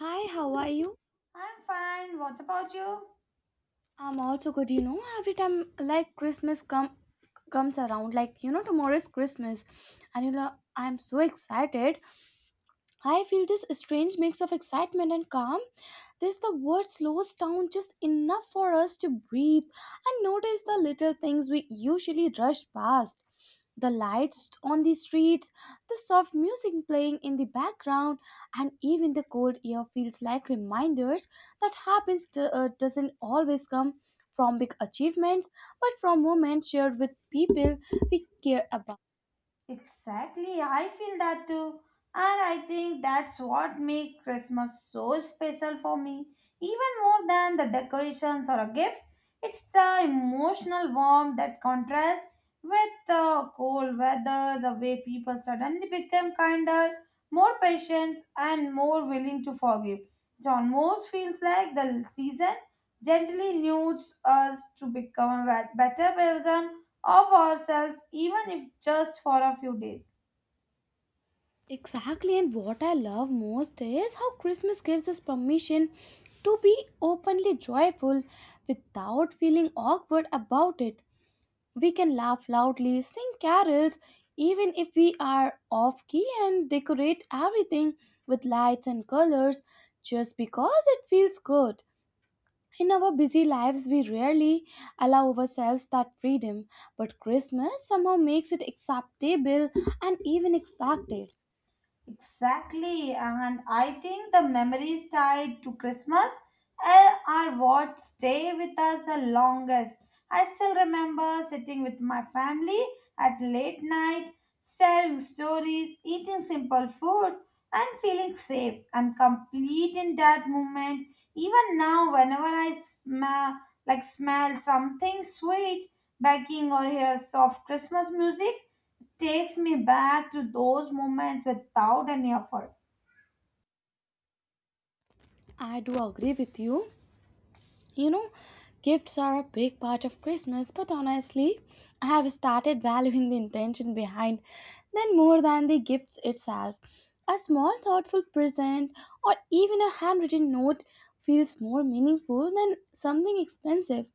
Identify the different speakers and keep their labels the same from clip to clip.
Speaker 1: Hi, how are you?
Speaker 2: I'm fine. What about you?
Speaker 1: I'm also good. Every time like Christmas comes around, tomorrow is Christmas, and I'm so excited. I feel this strange mix of excitement and calm. This the world slows down just enough for us to breathe and notice the little things we usually rush past. The lights on the streets, the soft music playing in the background, and even the cold air feels like reminders that happens to, doesn't always come from big achievements, but from moments shared with people we care about.
Speaker 2: Exactly. I feel that too. And I think that's what makes Christmas so special for me. Even more than the decorations or the gifts, it's the emotional warmth that contrasts with the cold weather, the way people suddenly become kinder, more patient, and more willing to forgive. It almost feels like the season gently nudes us to become a better person of ourselves, even if just for a few days.
Speaker 1: Exactly, and what I love most is how Christmas gives us permission to be openly joyful without feeling awkward about it. We can laugh loudly, sing carols, even if we are off key, and decorate everything with lights and colors just because it feels good. In our busy lives, we rarely allow ourselves that freedom, but Christmas somehow makes it acceptable and even expected.
Speaker 2: Exactly, and I think the memories tied to Christmas are what stay with us the longest. I still remember sitting with my family at late night, sharing stories, eating simple food, and feeling safe and complete in that moment. Even now, whenever I smell something sweet, baking or hear soft Christmas music, takes me back to those moments without any effort.
Speaker 1: I do agree with you. You know, gifts are a big part of Christmas, but honestly, I have started valuing the intention behind them more than the gifts itself. A small thoughtful present or even a handwritten note feels more meaningful than something expensive.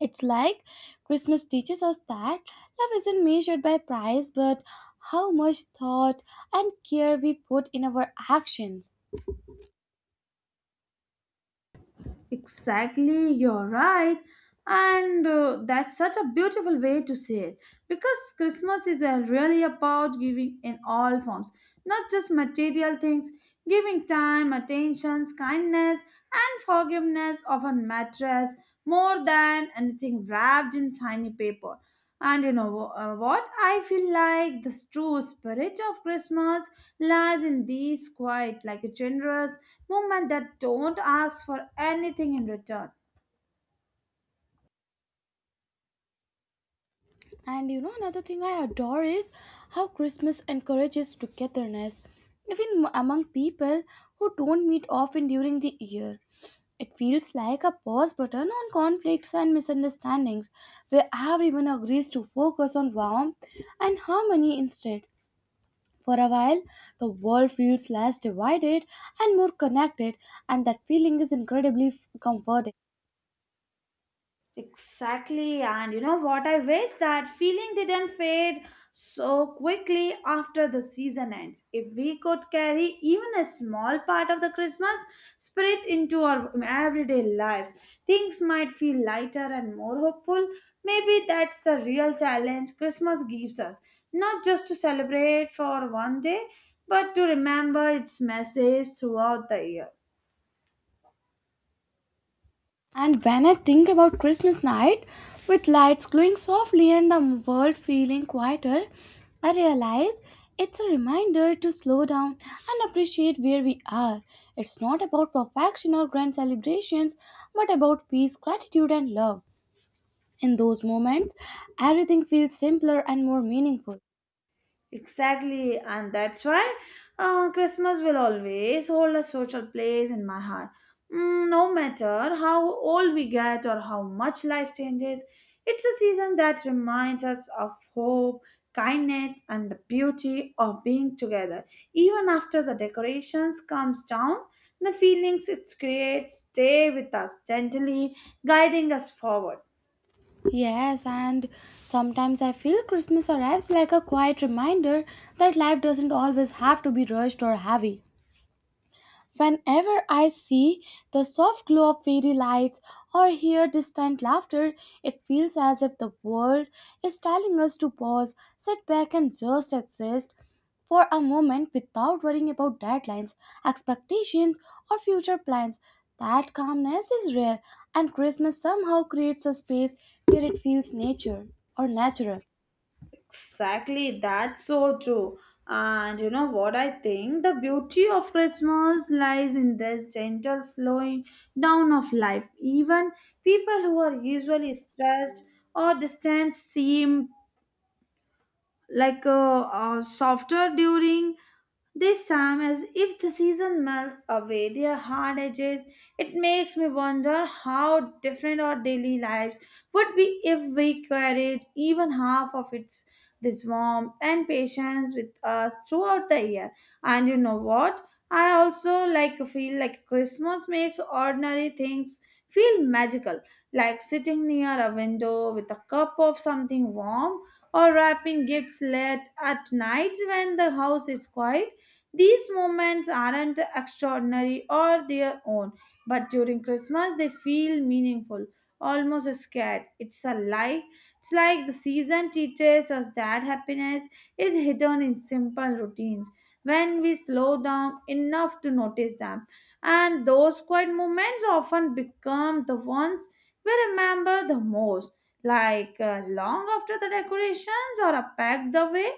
Speaker 1: It's like Christmas teaches us that love isn't measured by price but how much thought and care we put in our actions.
Speaker 2: Exactly, you're right. And that's such a beautiful way to say it because Christmas is really about giving in all forms, not just material things, giving time, attentions, kindness, and forgiveness often matters more than anything wrapped in shiny paper. And you know what? I feel like the true spirit of Christmas lies in these quiet, like a generous movement that don't ask for anything in return.
Speaker 1: And another thing I adore is how Christmas encourages togetherness, even among people who don't meet often during the year. It feels like a pause button on conflicts and misunderstandings, where everyone agrees to focus on warmth and harmony instead. For a while, the world feels less divided and more connected, and that feeling is incredibly comforting.
Speaker 2: Exactly, and you know what? I wish that feeling didn't fade so quickly after the season ends. If we could carry even a small part of the Christmas spirit into our everyday lives, things might feel lighter and more hopeful. Maybe that's the real challenge Christmas gives us not just to celebrate for one day, but to remember its message throughout the year.
Speaker 1: And when I think about Christmas night, with lights glowing softly and the world feeling quieter, I realize it's a reminder to slow down and appreciate where we are. It's not about perfection or grand celebrations, but about peace, gratitude, and love. In those moments, everything feels simpler and more meaningful.
Speaker 2: Exactly, and that's why Christmas will always hold a social place in my heart. No matter how old we get or how much life changes, it's a season that reminds us of hope, kindness, and the beauty of being together. Even after the decorations comes down, the feelings it creates stay with us gently, guiding us forward.
Speaker 1: Yes, and sometimes I feel Christmas arrives like a quiet reminder that life doesn't always have to be rushed or heavy. Whenever I see the soft glow of fairy lights or hear distant laughter, it feels as if the world is telling us to pause, sit back, and just exist for a moment without worrying about deadlines, expectations, or future plans. That calmness is rare, and Christmas somehow creates a space where it feels nature or natural.
Speaker 2: Exactly, that's so true. And you know what I think? The beauty of Christmas lies in this gentle slowing down of life. Even people who are usually stressed or distant seem like softer during this time, as if the season melts away their hard edges. It makes me wonder how different our daily lives would be if we carried even half of its this warmth and patience with us throughout the year. And you know what, I also like feel like Christmas makes ordinary things feel magical, like sitting near a window with a cup of something warm or wrapping gifts late at night when the house is quiet. These moments aren't extraordinary or their own, but during Christmas they feel meaningful, almost scared. It's a lie. It's like the season teaches us that happiness is hidden in simple routines when we slow down enough to notice them. And those quiet moments often become the ones we remember the most, like long after the decorations or are packed away,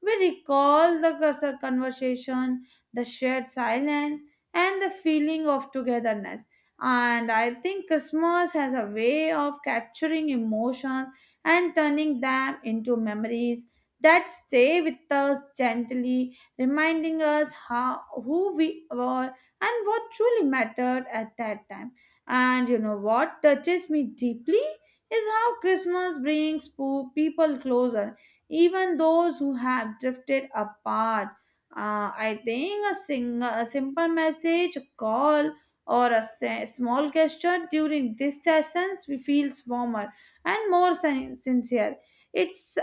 Speaker 2: we recall the cursor conversation, the shared silence, and the feeling of togetherness. And I think Christmas has a way of capturing emotions and turning them into memories that stay with us, gently reminding us how who we were and what truly mattered at that time. And you know what touches me deeply is how Christmas brings people closer, even those who have drifted apart. I think a simple message, a call, or a small gesture during these sessions feels warmer and more sincere. It's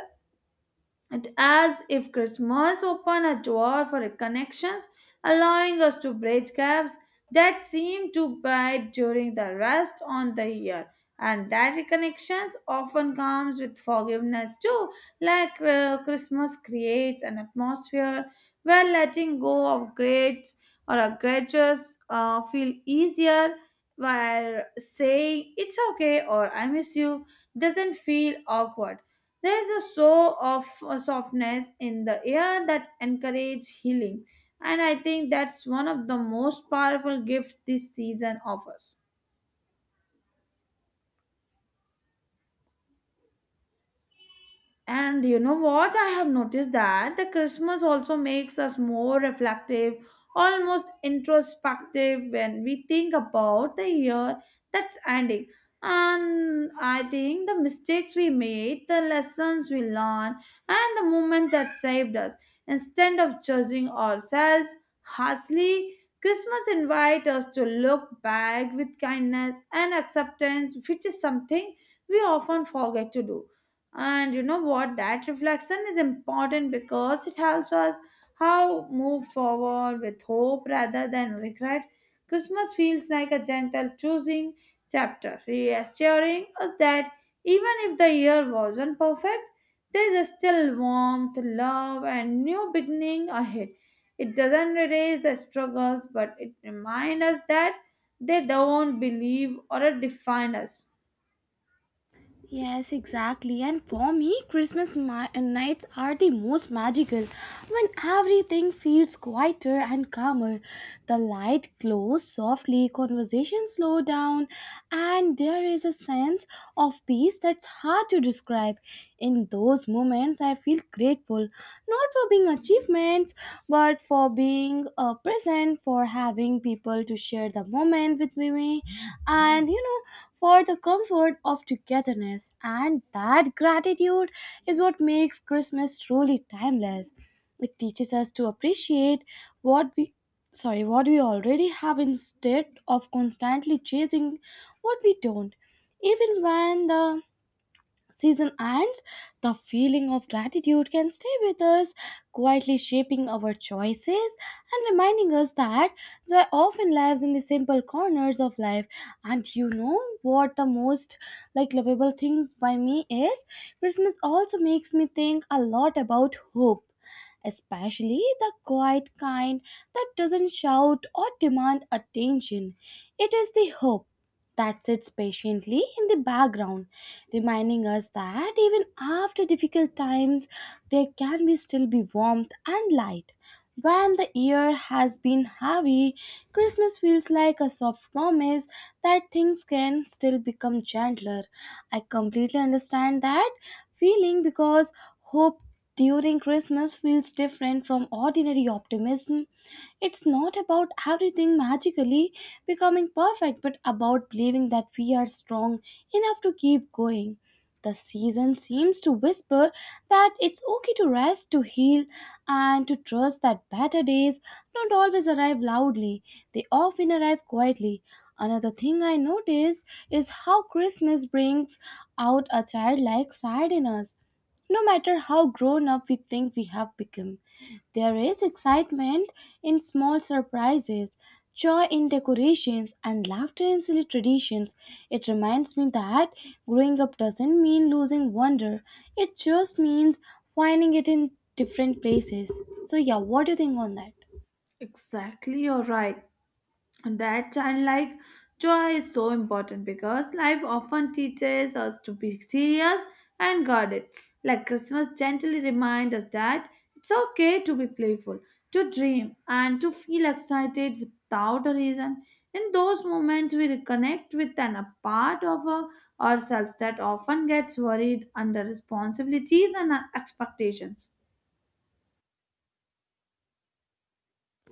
Speaker 2: it as if Christmas opened a door for connections, allowing us to bridge gaps that seem to bide during the rest on the year. And that reconnections often comes with forgiveness too, like Christmas creates an atmosphere where letting go of grades or grudges feel easier, while saying it's okay or I miss you doesn't feel awkward. There is a show of softness in the air that encourages healing, and I think that's one of the most powerful gifts this season offers. And you know what? I have noticed that the Christmas also makes us more reflective, almost introspective when we think about the year that's ending. And I think the mistakes we made, the lessons we learned, and the moment that saved us. Instead of judging ourselves harshly, Christmas invites us to look back with kindness and acceptance, which is something we often forget to do. And you know what, that reflection is important because it helps us how move forward with hope rather than regret. Christmas feels like a gentle choosing chapter, reassuring us that even if the year wasn't perfect, there's still warmth love and new beginning ahead. It doesn't erase the struggles, but it reminds us that they don't believe or define us.
Speaker 1: Yes, exactly. And for me, Christmas nights are the most magical when everything feels quieter and calmer. The light glows softly, conversations slow down, and there is a sense of peace that's hard to describe. In those moments, I feel grateful not for being achievements, but for being present, for having people to share the moment with me, and for the comfort of togetherness. And that gratitude is what makes Christmas truly timeless. It teaches us to appreciate what we sorry what we already have instead of constantly chasing what we don't even when the season ends, the feeling of gratitude can stay with us, quietly shaping our choices and reminding us that joy often lives in the simple corners of life. And you know what the most lovable thing by me is? Christmas also makes me think a lot about hope. Especially the quiet kind that doesn't shout or demand attention. It is the hope that sits patiently in the background, reminding us that even after difficult times, there can be still be warmth and light. When the year has been heavy, Christmas feels like a soft promise that things can still become gentler. I completely understand that feeling because hope during Christmas feels different from ordinary optimism. It's not about everything magically becoming perfect, but about believing that we are strong enough to keep going. The season seems to whisper that it's okay to rest, to heal, and to trust that better days don't always arrive loudly, they often arrive quietly. Another thing I noticed is how Christmas brings out a childlike side in us, no matter how grown up we think we have become. There is excitement in small surprises, joy in decorations, and laughter in silly traditions. It reminds me that growing up doesn't mean losing wonder, it just means finding it in different places. So, yeah, what do you think on that?
Speaker 2: Exactly, you're right. That childlike joy is so important because life often teaches us to be serious and guarded. Like Christmas gently reminds us that it's okay to be playful, to dream, and to feel excited without a reason. In those moments, we reconnect with a part of ourselves that often gets worried under responsibilities and expectations.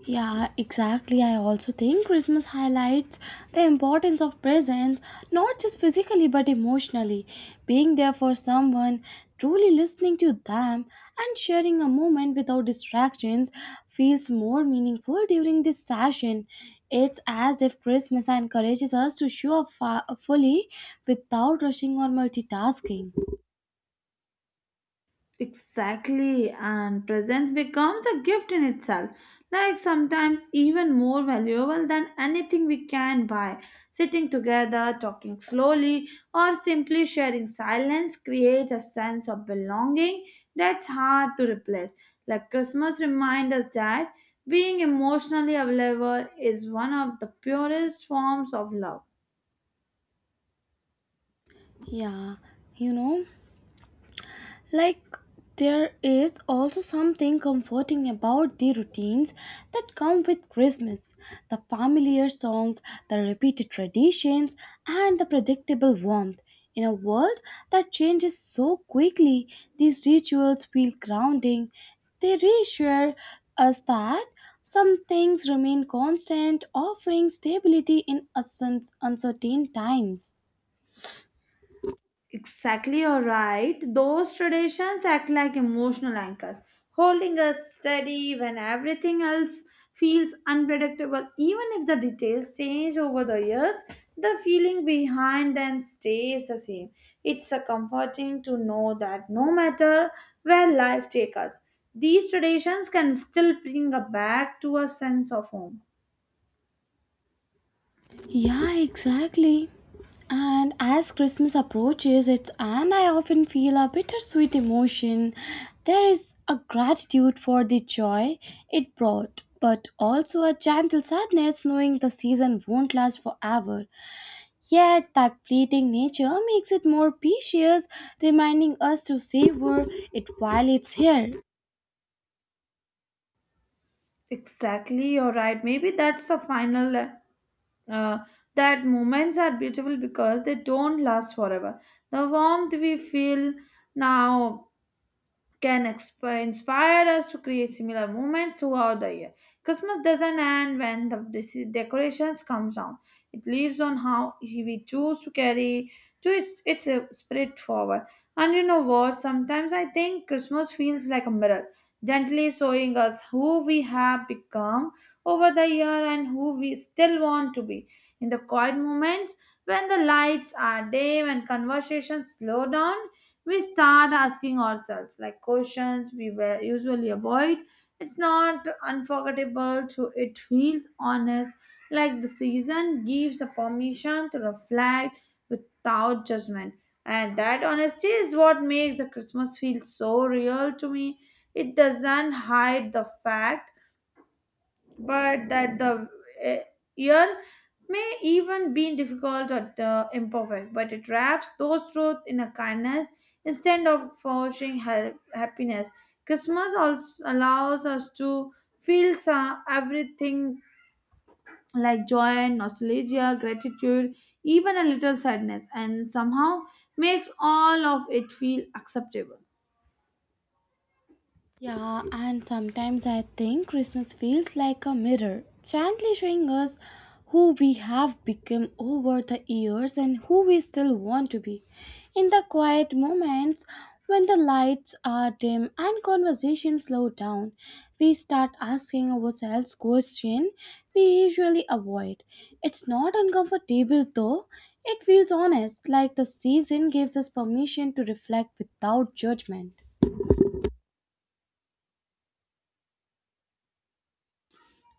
Speaker 1: Yeah, exactly. I also think Christmas highlights the importance of presence, not just physically but emotionally. Being there for someone, truly listening to them, and sharing a moment without distractions feels more meaningful during this session. It's as if Christmas encourages us to show up fully without rushing or multitasking.
Speaker 2: Exactly, and presence becomes a gift in itself, like sometimes even more valuable than anything we can buy. Sitting together, talking slowly, or simply sharing silence creates a sense of belonging that's hard to replace. Like Christmas reminds us that being emotionally available is one of the purest forms of love.
Speaker 1: Yeah, you know. Like, there is also something comforting about the routines that come with Christmas the familiar songs, the repeated traditions, and the predictable warmth. In a world that changes so quickly, these rituals feel grounding. They reassure us that some things remain constant, offering stability in uncertain times.
Speaker 2: Exactly, you're right. Those traditions act like emotional anchors, holding us steady when everything else feels unpredictable. Even if the details change over the years, the feeling behind them stays the same. It's a comforting to know that no matter where life takes us, these traditions can still bring us back to a sense of home.
Speaker 1: Yeah, exactly. And as Christmas approaches, it's and I often feel a bittersweet emotion. There is a gratitude for the joy it brought, but also a gentle sadness knowing the season won't last forever. Yet that fleeting nature makes it more precious, reminding us to savor it while it's here.
Speaker 2: Exactly, you're right. Maybe that's the final uh, that moments are beautiful because they don't last forever. The warmth we feel now can inspire us to create similar movements throughout the year. Christmas doesn't end when the decorations come down. It lives on how we choose to carry to its spirit forward. And you know what? Sometimes I think Christmas feels like a mirror, gently showing us who we have become over the year and who we still want to be. In the quiet moments, when the lights are dim and conversations slow down, we start asking ourselves like questions we were usually avoid. It's not unforgettable, so it feels honest, like the season gives a permission to reflect without judgment. And that honesty is what makes the Christmas feel so real to me. It doesn't hide the fact but that the eh, year may even be difficult or the imperfect, but it wraps those truths in a kindness instead of forcing happiness. Christmas also allows us to feel everything like joy, nostalgia, gratitude, even a little sadness, and somehow makes all of it feel acceptable.
Speaker 1: Yeah, and sometimes I think Christmas feels like a mirror, gently showing us who we have become over the years and who we still want to be. In the quiet moments when the lights are dim and conversation slow down, we start asking ourselves questions we usually avoid. It's not uncomfortable though, it feels honest, like the season gives us permission to reflect without judgment.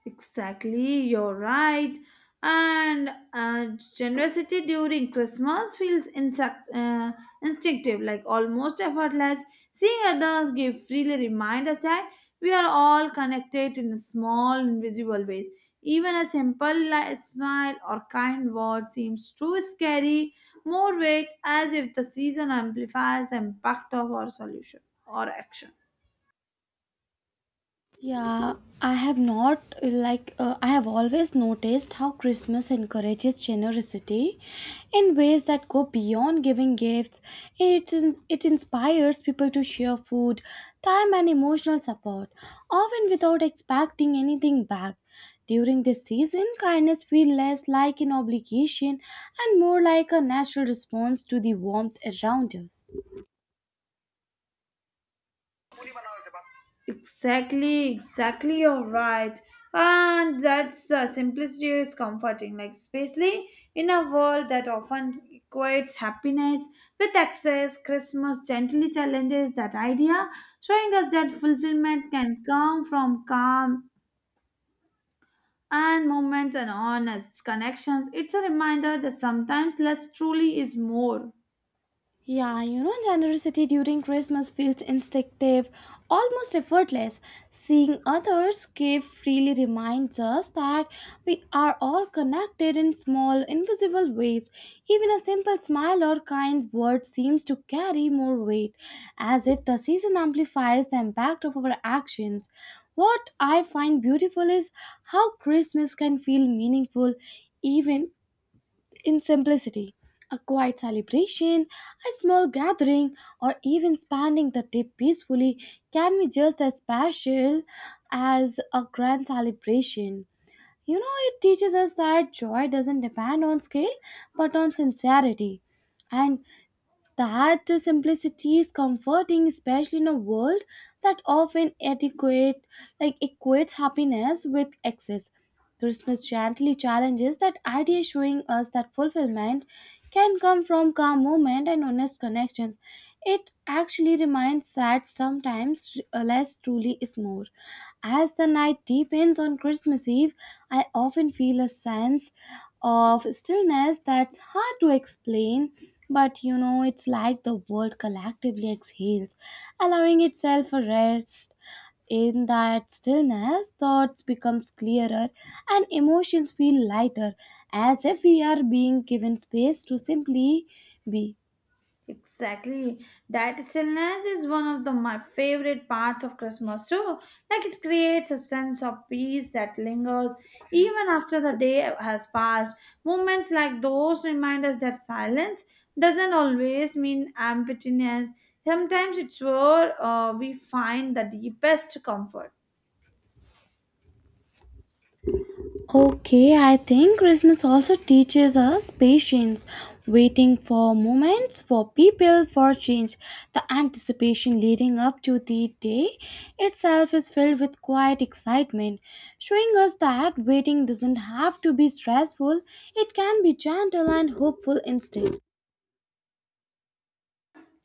Speaker 2: Exactly, you're right. And generosity during Christmas feels instinctive, like almost effortless. Seeing others give freely reminds us that we are all connected in small, invisible ways. Even a simple smile or kind word seems too scary, more weight, as if the season amplifies the impact of our solution or action.
Speaker 1: Yeah, I have not like I have always noticed how Christmas encourages generosity in ways that go beyond giving gifts. It inspires people to share food, time, and emotional support, often without expecting anything back. During this season, kindness feels less like an obligation and more like a natural response to the warmth around us.
Speaker 2: Exactly, exactly, you're right. And that's the simplicity is comforting, like especially in a world that often equates happiness with excess. Christmas gently challenges that idea, showing us that fulfillment can come from calm and moments and honest connections. It's a reminder that sometimes less truly is more.
Speaker 1: Yeah, generosity during Christmas feels instinctive, almost effortless. Seeing others give freely reminds us that we are all connected in small, invisible ways. Even a simple smile or kind word seems to carry more weight, as if the season amplifies the impact of our actions. What I find beautiful is how Christmas can feel meaningful even in simplicity, a quiet celebration, a small gathering, or even spending the day peacefully can be just as special as a grand celebration. It teaches us that joy doesn't depend on scale but on sincerity. And that simplicity is comforting, especially in a world that often adequate equates happiness with excess. Christmas gently challenges that idea, showing us that fulfillment can come from calm moment and honest connections. It actually reminds that sometimes less truly is more. As the night deepens on Christmas Eve, I often feel a sense of stillness that's hard to explain, but it's like the world collectively exhales, allowing itself a rest. In that stillness, thoughts becomes clearer and emotions feel lighter, as if we are being given space to simply be.
Speaker 2: Exactly. That stillness is one of the, my favorite parts of Christmas too. Like it creates a sense of peace that lingers even after the day has passed. Moments like those remind us that silence doesn't always mean emptiness. Sometimes it's where we find the deepest comfort.
Speaker 1: Okay, I think Christmas also teaches us patience, waiting for moments, for people, for change. The anticipation leading up to the day itself is filled with quiet excitement, showing us that waiting doesn't have to be stressful, it can be gentle and hopeful instead.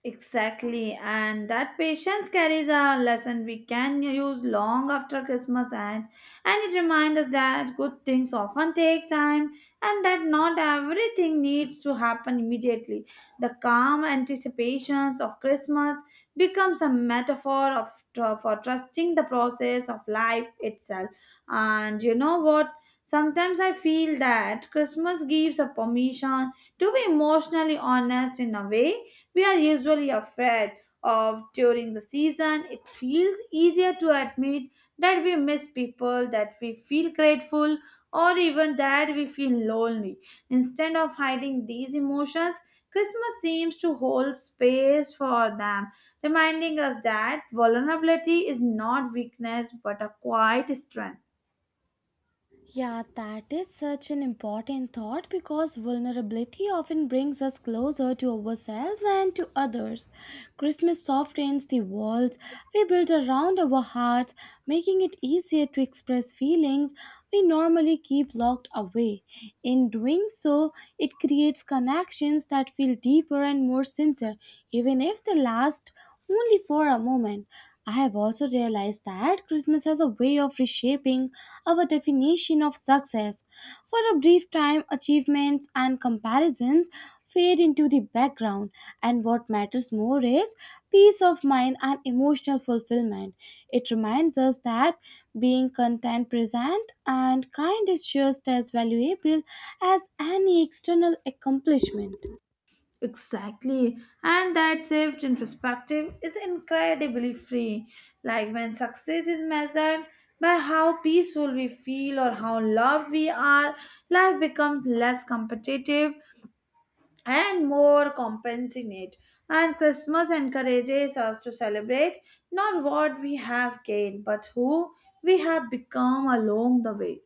Speaker 2: Exactly, and that patience carries a lesson we can use long after Christmas ends, and it reminds us that good things often take time and that not everything needs to happen immediately. The calm anticipations of Christmas becomes a metaphor of for trusting the process of life itself. And you know what? Sometimes I feel that Christmas gives a permission to be emotionally honest in a way we are usually afraid of during the season. It feels easier to admit that we miss people, that we feel grateful, or even that we feel lonely. Instead of hiding these emotions, Christmas seems to hold space for them, reminding us that vulnerability is not weakness but a quiet strength.
Speaker 1: Yeah, that is such an important thought because vulnerability often brings us closer to ourselves and to others. Christmas softens the walls we build around our hearts, making it easier to express feelings we normally keep locked away. In doing so, it creates connections that feel deeper and more sincere, even if they last only for a moment. I have also realized that Christmas has a way of reshaping our definition of success. For a brief time, achievements and comparisons fade into the background, and what matters more is peace of mind and emotional fulfillment. It reminds us that being content, present, and kind is just as valuable as any external accomplishment.
Speaker 2: Exactly. And that shift in perspective is incredibly free. Like when success is measured by how peaceful we feel or how loved we are, life becomes less competitive and more compassionate. And Christmas encourages us to celebrate not what we have gained, but who we have become along the way.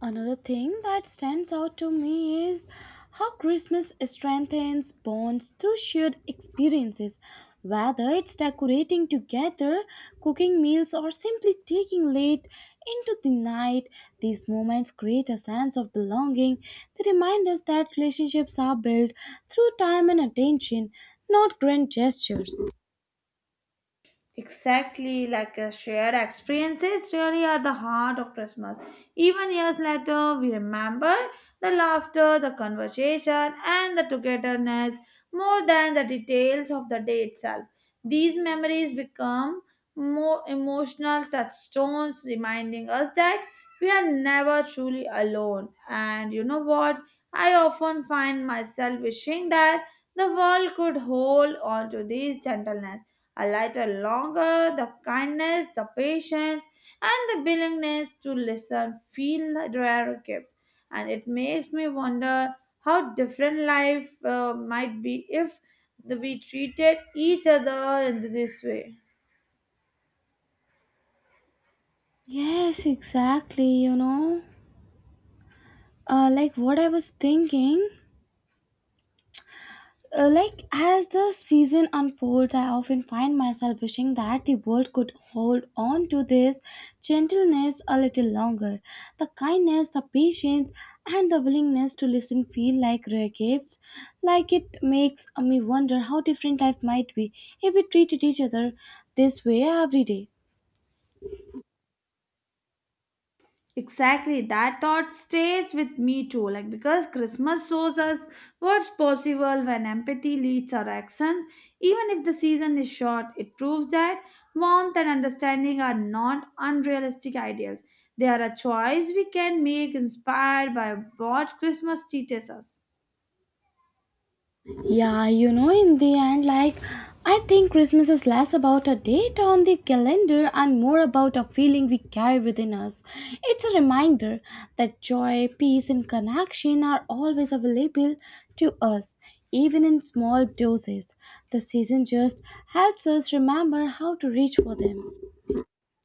Speaker 1: Another thing that stands out to me is how Christmas strengthens bonds through shared experiences, whether it's decorating together, cooking meals, or simply taking late into the night. These moments create a sense of belonging. They remind us that relationships are built through time and attention, not grand gestures.
Speaker 2: Exactly, like a shared experiences really are the heart of Christmas. Even years later, we remember the laughter, the conversation, and the togetherness more than the details of the day itself. These memories become more emotional touchstones, reminding us that we are never truly alone. And you know what? I often find myself wishing that the world could hold on to this gentleness a lighter longer, the kindness, the patience, and the willingness to listen feel like rare gifts. And it makes me wonder how different life might be if we treated each other in this way.
Speaker 1: Yes, exactly, what I was thinking Uh, like as the season unfolds I often find myself wishing that the world could hold on to this gentleness a little longer, the kindness, the patience, and the willingness to listen feel like rare gifts. It makes me wonder how different life might be if we treated each other this way every day.
Speaker 2: Exactly, that thought stays with me too. Like, because Christmas shows us what's possible when empathy leads our actions, even if the season is short, it proves that warmth and understanding are not unrealistic ideals. They are a choice we can make inspired by what Christmas teaches us.
Speaker 1: Yeah, you know, in the end, like, I think Christmas is less about a date on the calendar and more about a feeling we carry within us. It's a reminder that joy, peace, and connection are always available to us, even in small doses. The season just helps us remember how to reach for them.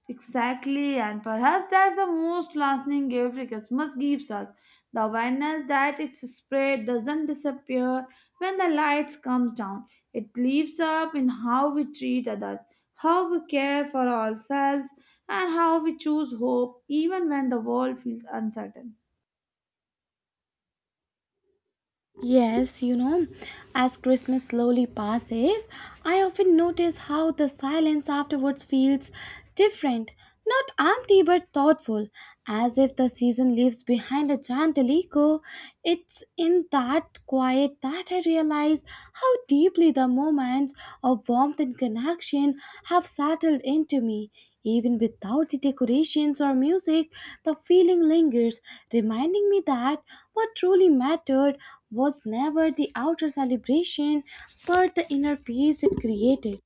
Speaker 2: Exactly, and perhaps that's the most lasting gift Christmas gives us, the awareness that its spread doesn't disappear when the lights comes down. It lives up in how we treat others, how we care for ourselves, and how we choose hope even when the world feels uncertain.
Speaker 1: Yes, as Christmas slowly passes, I often notice how the silence afterwards feels different, not empty but thoughtful, as if the season leaves behind a gentle echo. It's in that quiet that I realize how deeply the moments of warmth and connection have settled into me. Even without the decorations or music, the feeling lingers, reminding me that what truly mattered was never the outer celebration but the inner peace it created.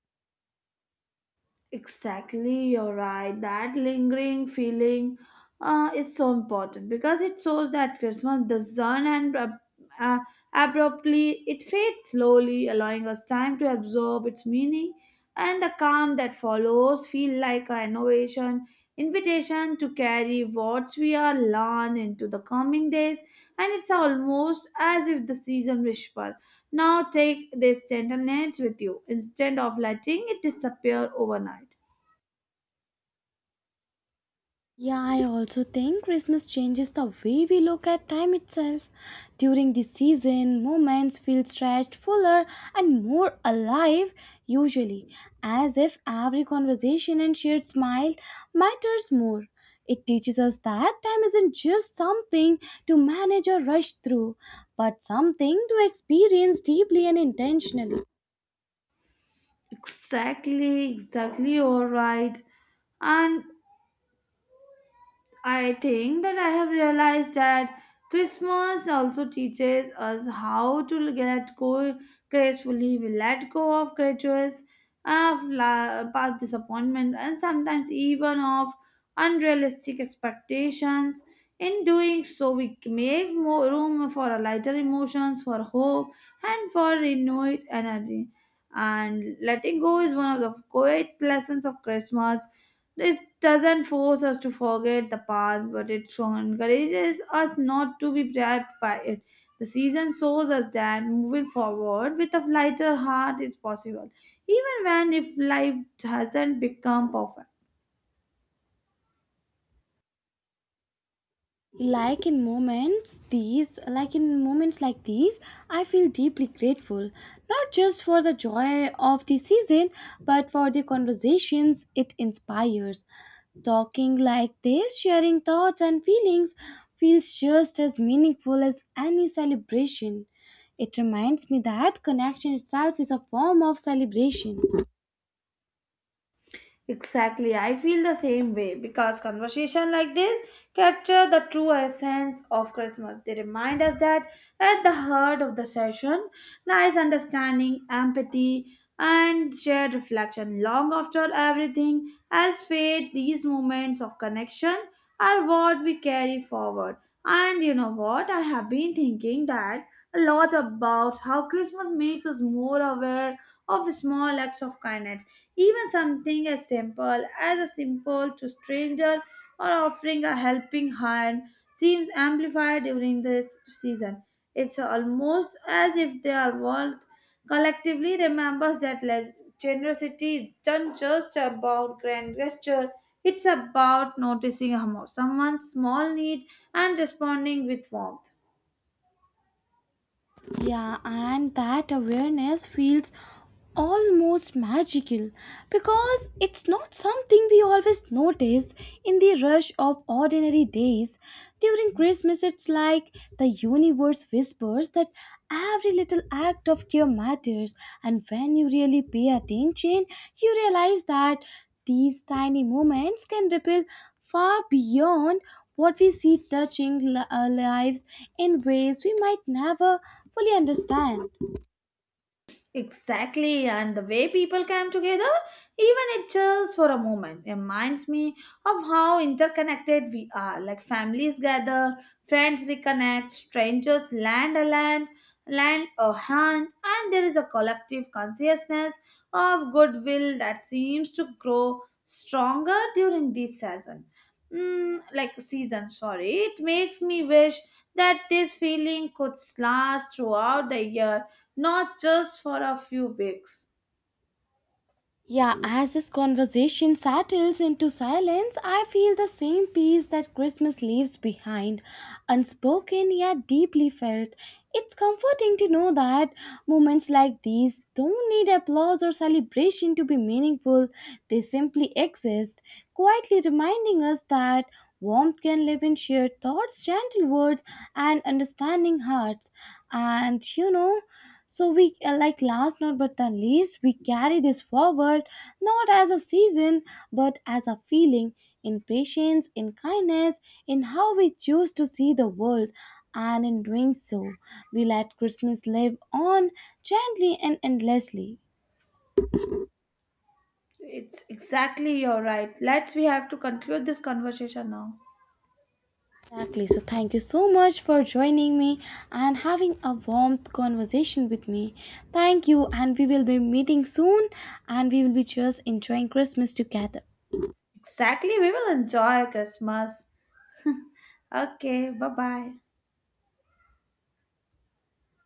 Speaker 2: Exactly, you're right. That lingering feeling is so important because it shows that Christmas doesn't end uh, abruptly. It fades slowly, allowing us time to absorb its meaning, and the calm that follows feel like a innovation invitation to carry what we are learned into the coming days. And it's almost as if the season whisper, "Now take this tenderness with you," instead of letting it disappear overnight.
Speaker 1: Yeah, I also think Christmas changes the way we look at time itself. During the season, moments feel stretched, fuller, and more alive, usually, as if every conversation and shared smile matters more. It teaches us that time isn't just something to manage or rush through, but something to experience deeply and intentionally.
Speaker 2: Exactly, you're right. And I think that I have realized that Christmas also teaches us how to let go gracefully. We let go of grudges, of past disappointment, and sometimes even of unrealistic expectations. In doing so, we make more room for a lighter emotions, for hope, and for renewed energy. And letting go is one of the great lessons of Christmas. It doesn't force us to forget the past, but it so encourages us not to be trapped by it. The season shows us that moving forward with a lighter heart is possible, even when if life hasn't become perfect.
Speaker 1: Like in moments like these, I feel deeply grateful not just for the joy of the season but for the conversations it inspires. Talking like this, sharing thoughts and feelings, feels just as meaningful as any celebration. It reminds me that connection itself is a form of celebration.
Speaker 2: Exactly, I feel the same way because conversation like this capture the true essence of Christmas. They remind us that at the heart of the session lies understanding, empathy, and shared reflection. Long after everything else fades, these moments of connection are what we carry forward. And you know what? I have been thinking that a lot about how Christmas makes us more aware of small acts of kindness, even something as simple as a simple to stranger or offering a helping hand seems amplified during this season. It's almost as if the world collectively remembers that generosity isn't just about grand gesture. It's about noticing how someone's small need and responding with warmth.
Speaker 1: Yeah, and that awareness feels almost magical because it's not something we always notice in the rush of ordinary days. During Christmas, it's like the universe whispers that every little act of care matters, and when you really pay attention, you realize that these tiny moments can ripple far beyond what we see, touching our lives in ways we might never fully understand.
Speaker 2: Exactly, and the way people came together, even it just for a moment, reminds me of how interconnected we are. Like families gather, friends reconnect, strangers land a hand, and there is a collective consciousness of goodwill that seems to grow stronger during this season. Sorry, it makes me wish that this feeling could last throughout the year, not just for a few weeks.
Speaker 1: Yeah, as this conversation settles into silence, I feel the same peace that Christmas leaves behind, unspoken yet deeply felt. It's comforting to know that moments like these don't need applause or celebration to be meaningful, they simply exist, quietly reminding us that warmth can live in shared thoughts, gentle words, and understanding hearts. And you know, so we like last not but the least, we carry this forward not as a season but as a feeling, in patience, in kindness, in how we choose to see the world, and in doing so we let Christmas live on gently and endlessly.
Speaker 2: It's exactly, you're right, let's we have to conclude this conversation now.
Speaker 1: Exactly. So thank you so much for joining me and having a warm conversation with me. Thank you, and we will be meeting soon and we will be just enjoying Christmas together.
Speaker 2: Exactly, we will enjoy Christmas. Okay, bye bye.